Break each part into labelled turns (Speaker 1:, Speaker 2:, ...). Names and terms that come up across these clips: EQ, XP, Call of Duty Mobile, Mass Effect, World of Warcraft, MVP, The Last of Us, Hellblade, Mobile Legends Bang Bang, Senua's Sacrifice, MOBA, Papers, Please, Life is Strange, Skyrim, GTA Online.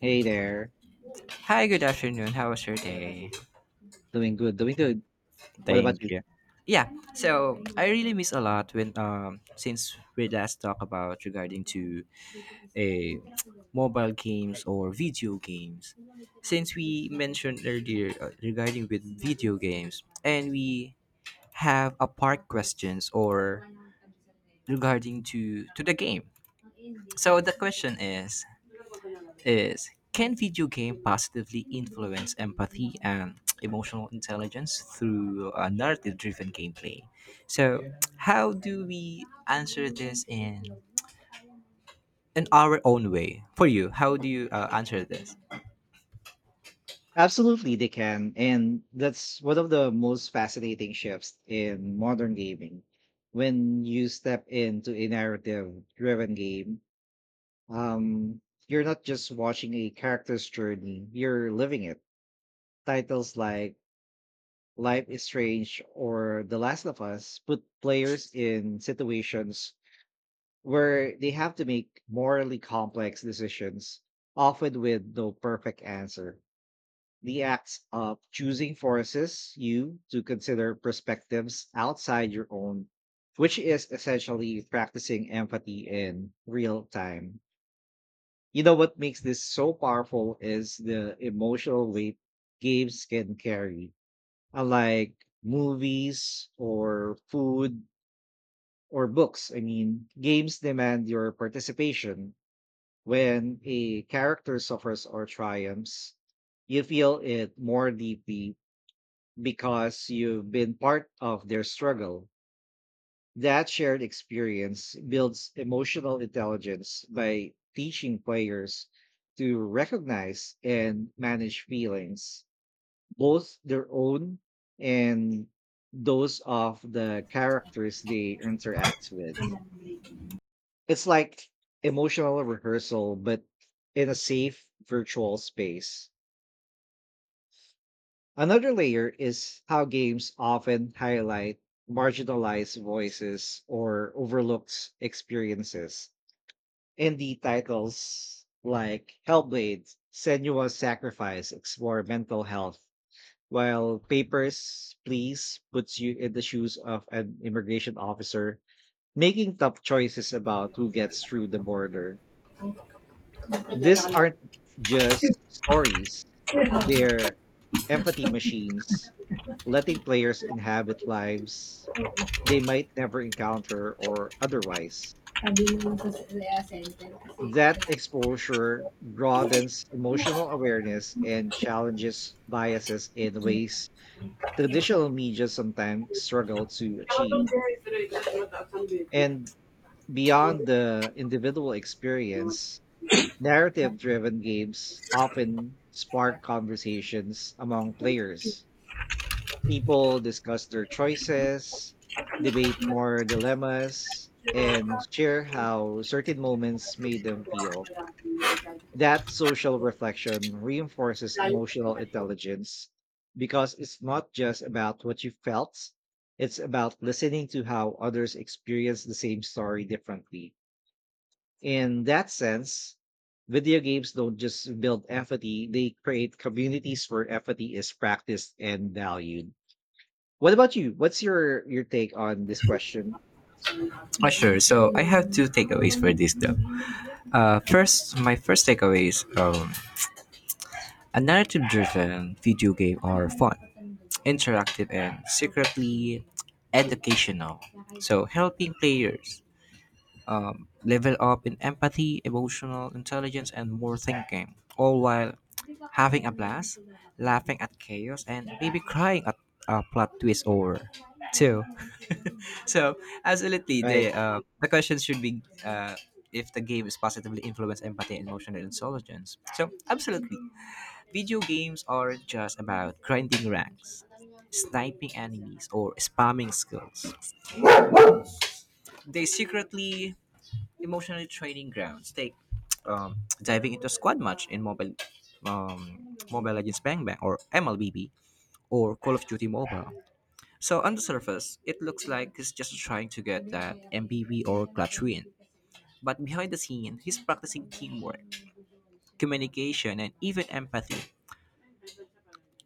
Speaker 1: Hey there.
Speaker 2: Hi, good afternoon. How was your day?
Speaker 1: Doing good, doing good. What about
Speaker 2: Thank
Speaker 1: you?
Speaker 2: you. Yeah, so I really miss a lot when since we last talked about regarding to a mobile games or video games. Since we mentioned earlier, regarding with video games and we have a part questions or regarding to the game. So the question is can video game positively influence empathy and emotional intelligence through a narrative driven gameplay, so how do we answer this in our own way? For you, how do you answer this?
Speaker 1: Absolutely, they can. And that's one of the most fascinating shifts in modern gaming. When you step into a narrative-driven game, um, you're not just watching a character's journey, you're living it. Titles like Life is Strange or The Last of Us put players in situations where they have to make morally complex decisions, often with no perfect answer. The act of choosing forces you to consider perspectives outside your own, which is essentially practicing empathy in real time. You know what makes this so powerful is the emotional weight games can carry, unlike movies or food or books. I mean, games demand your participation. When a character suffers or triumphs, you feel it more deeply because you've been part of their struggle. That shared experience builds emotional intelligence by teaching players to recognize and manage feelings, both their own and those of the characters they interact with. It's like emotional rehearsal, but in a safe virtual space. Another layer is how games often highlight marginalized voices or overlooked experiences. Indie titles like Hellblade, Senua's Sacrifice explore mental health, while Papers, Please puts you in the shoes of an immigration officer making tough choices about who gets through the border. These aren't just stories, they're empathy machines, letting players inhabit lives they might never encounter or otherwise. That exposure broadens emotional awareness and challenges biases in ways traditional media sometimes struggle to achieve. And beyond the individual experience, narrative driven games often spark conversations among players. People discuss their choices, debate more dilemmas, and
Speaker 2: Sabi
Speaker 1: share how certain moments made them feel.
Speaker 2: mo sa sentence
Speaker 1: That social reflection reinforces
Speaker 2: kasi kasi
Speaker 1: emotional
Speaker 2: kasi
Speaker 1: intelligence because it's not just about what you felt, it's about listening to how others experience the same story differently. In that sense, video games don't just build empathy, they create communities where empathy is practiced and valued. What about you? What's your take on this question?
Speaker 2: Oh, sure. So I have two takeaways for this though. First, my first takeaway is a narrative-driven video game are fun, interactive, and secretly educational. So helping players level up in empathy, emotional intelligence, and more thinking, all while having a blast, laughing at chaos, and maybe crying at a plot twist. Over two. So absolutely,
Speaker 1: Right,
Speaker 2: the question should be, uh, if the game is positively influence empathy and emotional intelligence. So absolutely, video games aren't just about grinding ranks, sniping enemies, or spamming skills. They secretly emotionally training grounds. Take diving into squad match in mobile. Um, Mobile Legends Bang Bang or MLBB or Call of Duty Mobile. So on the surface, it looks like it's just trying to get that MVP or clutch win. But behind the scene, he's practicing teamwork, communication, and even empathy.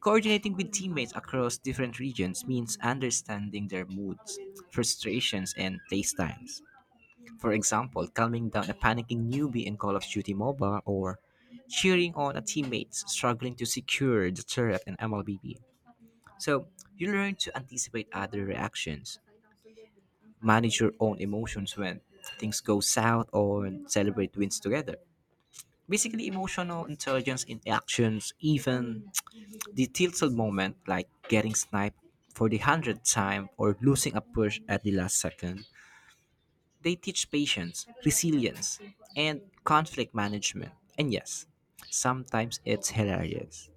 Speaker 2: Coordinating with teammates across different regions means understanding their moods, frustrations, and playstyles. For example, calming down a panicking newbie in Call of Duty MOBA or cheering on a teammate struggling to secure the turret in MLBB. So, you learn to anticipate other reactions, manage your own emotions when things go south, or celebrate wins together, basically emotional intelligence in actions, even the tilted moment like getting sniped for the 100th time or losing a push at the last second. They teach patience, resilience, and conflict management. And yes, sometimes it's hilarious.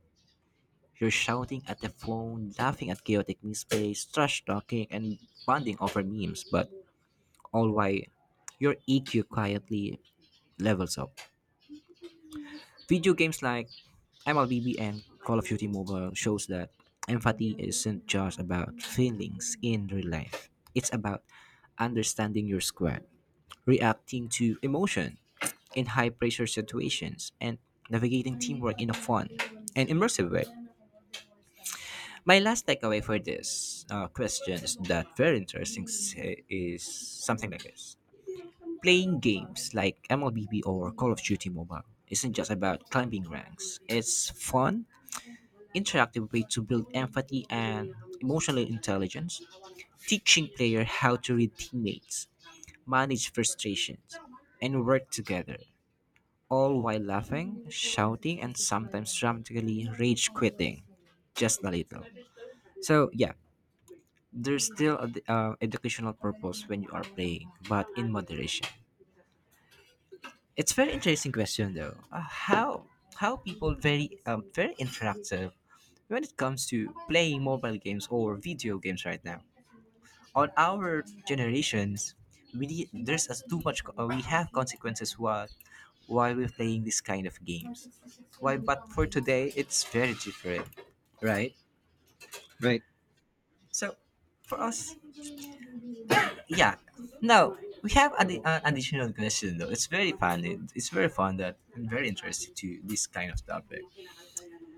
Speaker 2: You're shouting at the phone, laughing at chaotic misplays, trash talking, and bonding over memes, but all while your EQ quietly levels up. Video games like MLBB and Call of Duty Mobile shows that empathy isn't just about feelings in real life. It's about understanding your squad, reacting to emotion in high pressure situations, and navigating teamwork in a fun and immersive way. My last takeaway for this, question is that very interesting, is something like this. Playing games like MLBB or Call of Duty Mobile isn't just about climbing ranks. It's fun, interactive way to build empathy and emotional intelligence, teaching players how to read teammates, manage frustrations, and work together, all while laughing, shouting, and sometimes dramatically rage quitting just a little. So, yeah, there's still an educational purpose when you are playing, but in moderation. It's very interesting question though. How people very very interactive when it comes to playing mobile games or video games right now. On our generations, we need, there's as too much we have consequences while we're playing this kind of games. Why? But for today it's very different, right?
Speaker 1: right.
Speaker 2: So for us, yeah, now we have an additional question, though. It's very fun, it's very fun that I very interesting to this kind of topic.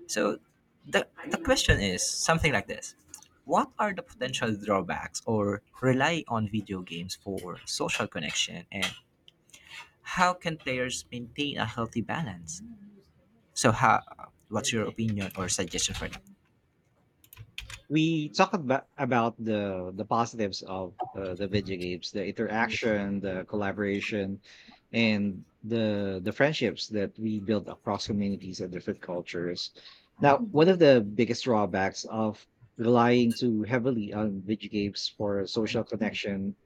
Speaker 2: So the question is something like this. What are the potential drawbacks or rely on video games for social connection, and how can players maintain a healthy balance? So, how, what's your opinion or suggestion for
Speaker 1: We talk about about the positives of the video games, the interaction, the collaboration, and the friendships that we build across communities and different cultures. Now, one of the biggest drawbacks of relying too heavily on video games for social connection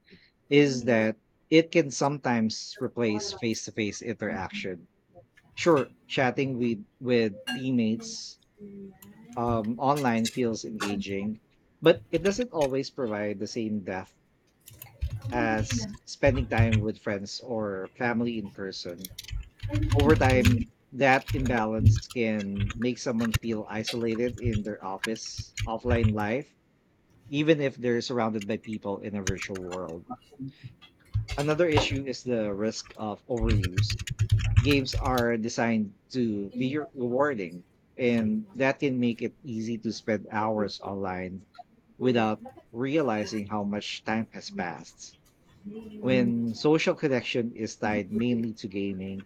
Speaker 1: is that it can sometimes replace face to face interaction. Sure, chatting with teammates online feels engaging, but it doesn't always provide the same depth as spending time with friends or family in person. Over time, that imbalance can make someone feel isolated in their office, offline life, even if they're surrounded by people in a virtual world. Another issue is the risk of overuse. Games are designed to be rewarding, and that can make it easy to spend hours online without realizing how much time has passed. When social connection is tied mainly to gaming,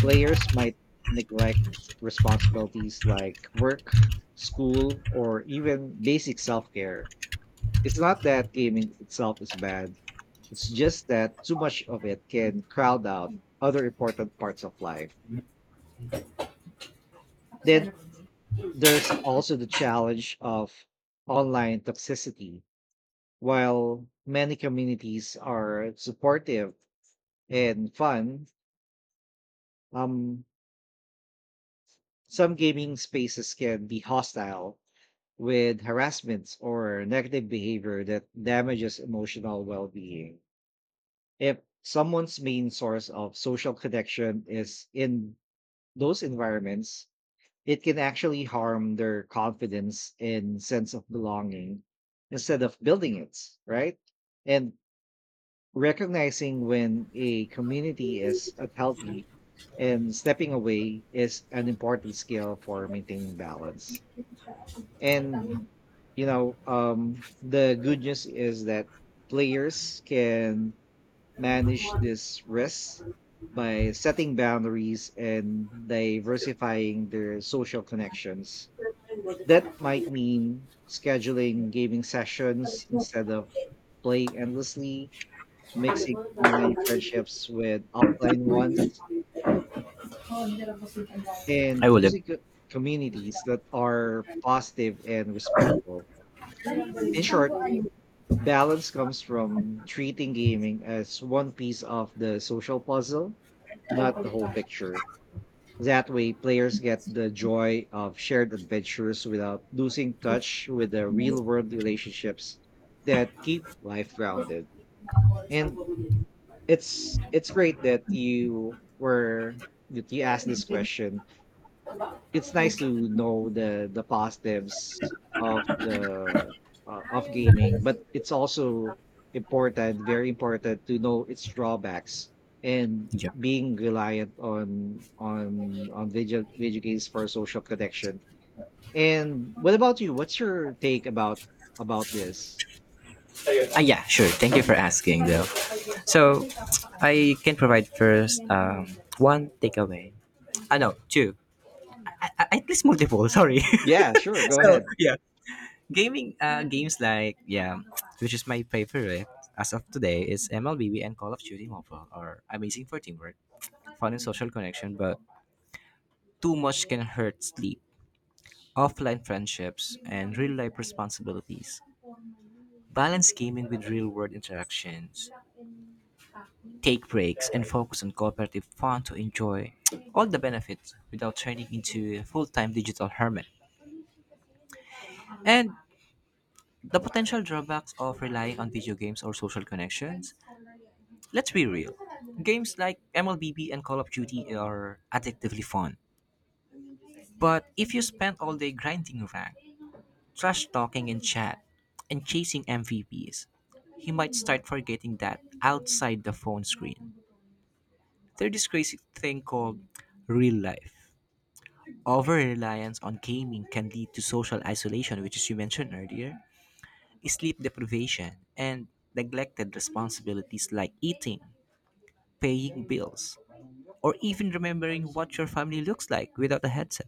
Speaker 1: players might neglect responsibilities like work, school, or even basic self-care. It's not that gaming itself is bad, it's just that too much of it can crowd out other important parts of life. Then there's also the challenge of online toxicity. While many communities are supportive and fun, um, some gaming spaces can be hostile with harassment or negative behavior that damages emotional well being. If someone's main source of social connection is in those environments, it can actually harm their confidence and sense of belonging instead of building it, right? And recognizing when a community is unhealthy and stepping away is an important skill for maintaining balance. And you know, the good news is that players can manage this risk
Speaker 2: that?
Speaker 1: by setting boundaries and diversifying their social connections. That might mean scheduling gaming sessions instead of playing endlessly, mixing online friendships with offline ones, and
Speaker 2: I will.
Speaker 1: choosing communities that are positive and respectful. In short, balance comes from treating gaming as one piece of the social puzzle, not the whole picture. That way, players get the joy of shared adventures without losing touch with the real world relationships that keep life grounded. And it's great that you were that you asked this question. It's nice to know the positives of the of gaming, but it's also important, very important, to know its drawbacks and
Speaker 2: Yeah.
Speaker 1: being reliant on on video games for social connection. And what about you? What's your take about this?
Speaker 2: Ah, yeah, sure. Thank you for asking, though. So, I can provide first, one takeaway. Ah, no, two. I, at least multiple, sorry.
Speaker 1: Yeah, sure, go
Speaker 2: So
Speaker 1: ahead.
Speaker 2: yeah, gaming games like, yeah, which is my favorite as of today, is MLB and Call of Duty Mobile, are amazing for teamwork, fun, and social connection. But too much can hurt sleep, offline friendships, and real life responsibilities. Balance gaming with real world interactions, take breaks, and focus on cooperative fun to enjoy all the benefits without turning into a full-time digital hermit. And the potential drawbacks of relying on video games or social connections. Let's be real. Games like MLBB and Call of Duty are addictively fun. But if you spend all day grinding rank, trash talking in chat, and chasing MVPs, you might start forgetting that outside the phone screen, there's this crazy thing called real life. Over reliance on gaming can lead to social isolation, which, as you mentioned earlier, sleep deprivation, and neglected responsibilities like eating, paying bills, or even remembering what your family looks like without a headset.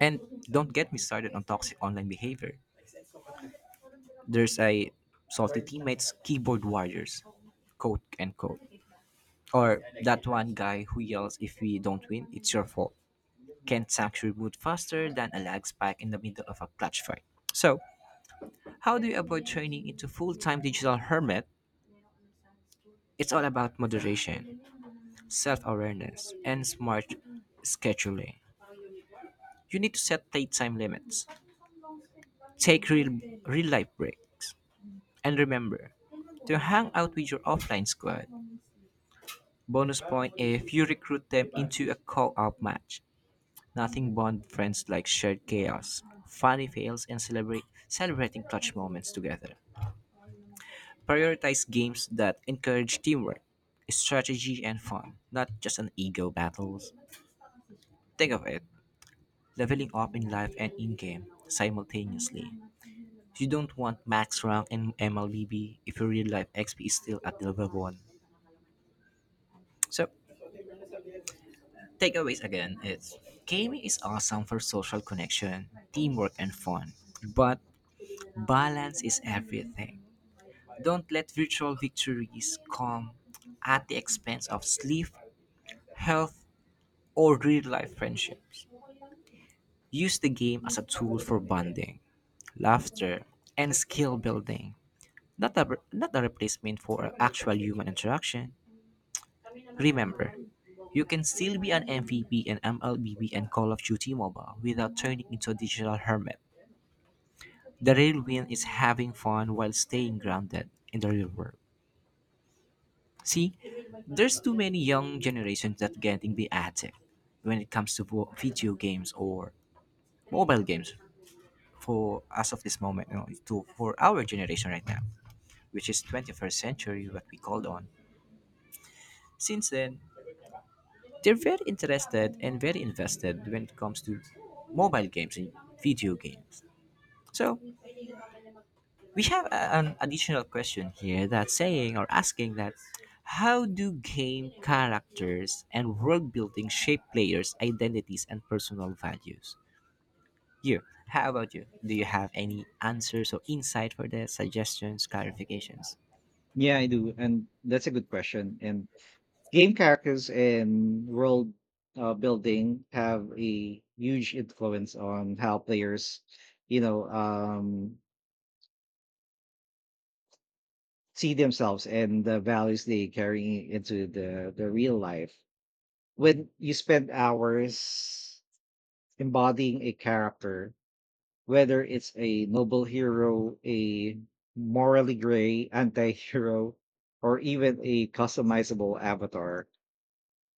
Speaker 2: And don't get me started on toxic online behavior. There's a salty teammates, keyboard warriors, quote and quote. Or that one guy who yells, if we don't win, it's your fault. Can't actually reboot faster than a lag spike in the middle of a clutch fight. So, how do you avoid turning into full time digital hermit? It's all about moderation, self awareness, and smart scheduling. You need to set playtime limits, take real, real life breaks. And remember to hang out with your offline squad. Bonus point if you recruit them into a call out match. Nothing bond friends like shared chaos, funny fails, and celebrate celebrating clutch moments together. Prioritize games that encourage teamwork, strategy, and fun, not just an ego battles. Think of it, leveling up in life and in game simultaneously. You don't want max rank in MLBB if your real life XP is still at the level 1. So, takeaways again is gaming is awesome for social connection, teamwork, and fun. But balance is everything. Don't let virtual victories come at the expense of sleep, health, or real life friendship. Use the game as a tool for bonding, laughter, and skill building, not a, not a replacement for actual human interaction. Remember, you can still be an MVP in MLBB and MLBB and Call of Duty Mobile without turning into a digital hermit. The real win is having fun while staying grounded in the real world. See, there's too many young generations that getting be addict when it comes to video games or mobile games for as of this moment, to for our generation right now, which is 21st century what we called on. Since then, they're very interested and very invested when it comes to mobile games and video games. So we have an additional question here that's saying or asking that how do game characters and world building shape players' identities and personal values? You, how about you? Do you have any answers or insight for the suggestions, clarifications?
Speaker 1: Yeah, I do, and that's a good question. And game characters and world building have a huge influence on how players, you know, see themselves and the values they carry into the real life. When you spend hours embodying a character, whether it's a noble hero, a morally gray anti-hero, or even a customizable avatar,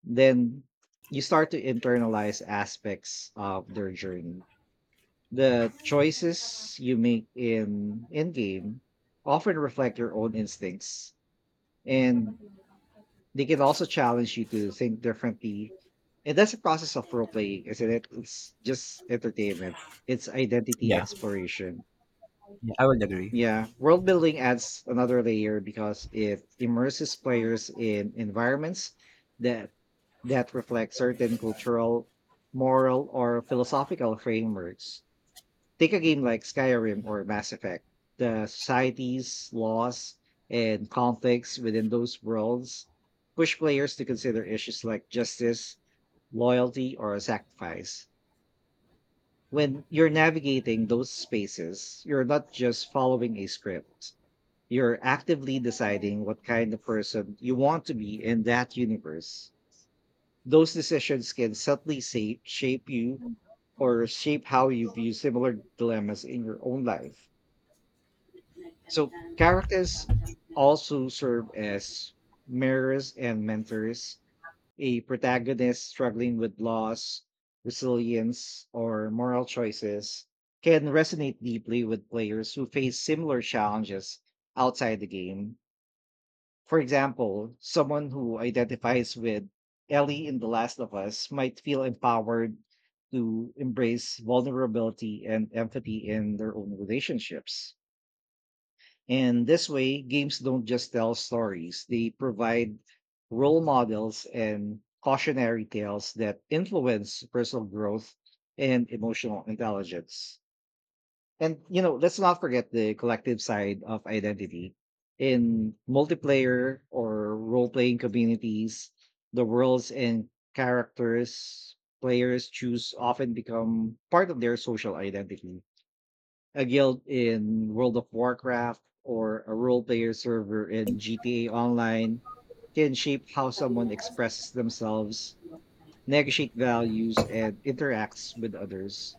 Speaker 1: then you start to internalize aspects of their journey. The choices you make in game often reflect your own instincts, and they can also challenge you to think differently. And that's a process of role playing, isn't it? It's just entertainment. It's identity
Speaker 2: Yeah,
Speaker 1: exploration.
Speaker 2: yeah, I would agree.
Speaker 1: Yeah, world building adds another layer because it immerses players in environments that that reflect certain cultural, moral, or philosophical frameworks. Take a game like Skyrim or Mass Effect. The societies, laws, and conflicts within those worlds push players to consider issues like justice, loyalty, or sacrifice. When you're navigating those spaces, you're not just following a script, you're actively deciding what kind of person you want to be in that universe. Those decisions can subtly shape you, or shape how you view similar dilemmas in your own life. So, characters also serve as mirrors and mentors. A protagonist struggling with loss, resilience, or moral choices can resonate deeply with players who face similar challenges outside the game. For example, someone who identifies with Ellie in The Last of Us might feel empowered to embrace vulnerability and empathy in their own relationships. And this way, games don't just tell stories, they provide role models and cautionary tales that influence personal growth and emotional intelligence. And you know, let's not forget the collective side of identity. In multiplayer or role-playing communities, the worlds and characters players choose often become part of their social identity. A guild in World of Warcraft or a role-player server in GTA Online can shape how someone expresses themselves, negotiate values, and interacts with others.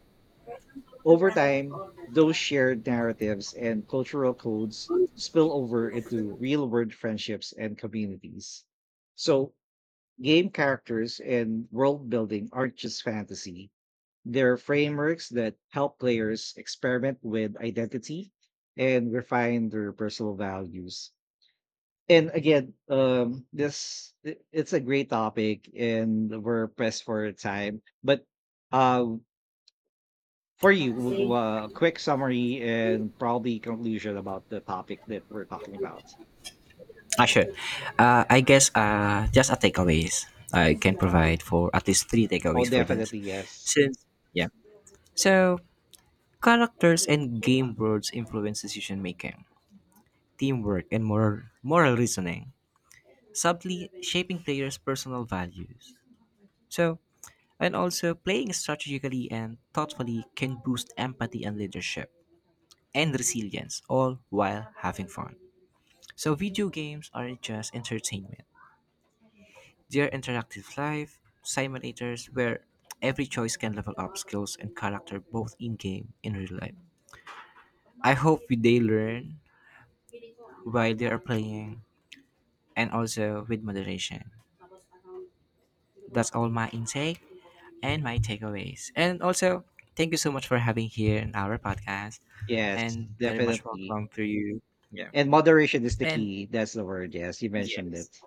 Speaker 1: Over time, those shared narratives and cultural codes spill over into real world friendships and communities. So, game characters and world building aren't just fantasy, they're frameworks that help players experiment with identity and refine their personal values. And again, this it's a great topic, and we're pressed for time. But uh, for you, quick summary and probably conclusion about the topic that we're talking about.
Speaker 2: Ah, sure. I guess, just a takeaways. I can provide for at least three
Speaker 1: Oh,
Speaker 2: takeaways for this.
Speaker 1: definitely, yes,
Speaker 2: Since yeah, so characters and game worlds influence decision making, teamwork, and moral reasoning, subtly shaping players' personal values. So and also playing strategically and thoughtfully can boost empathy and leadership and resilience, all while having fun. So, video games aren't just entertainment, they are interactive life simulators where every choice can level up skills and character both in game and real life. I hope they learn while they are playing, and also with moderation. That's all my intake and my takeaways. And also, thank you so much for having here in our podcast,
Speaker 1: yes,
Speaker 2: and very much
Speaker 1: definitely.
Speaker 2: welcome to you. Yeah.
Speaker 1: And moderation is the
Speaker 2: And
Speaker 1: key. That's the word. Yes, you
Speaker 2: yeah.
Speaker 1: mentioned it.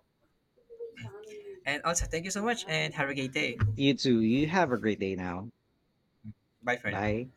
Speaker 2: And also, thank you so much and have a great day.
Speaker 1: You too. You have a great day now.
Speaker 2: Bye for now.
Speaker 1: Bye.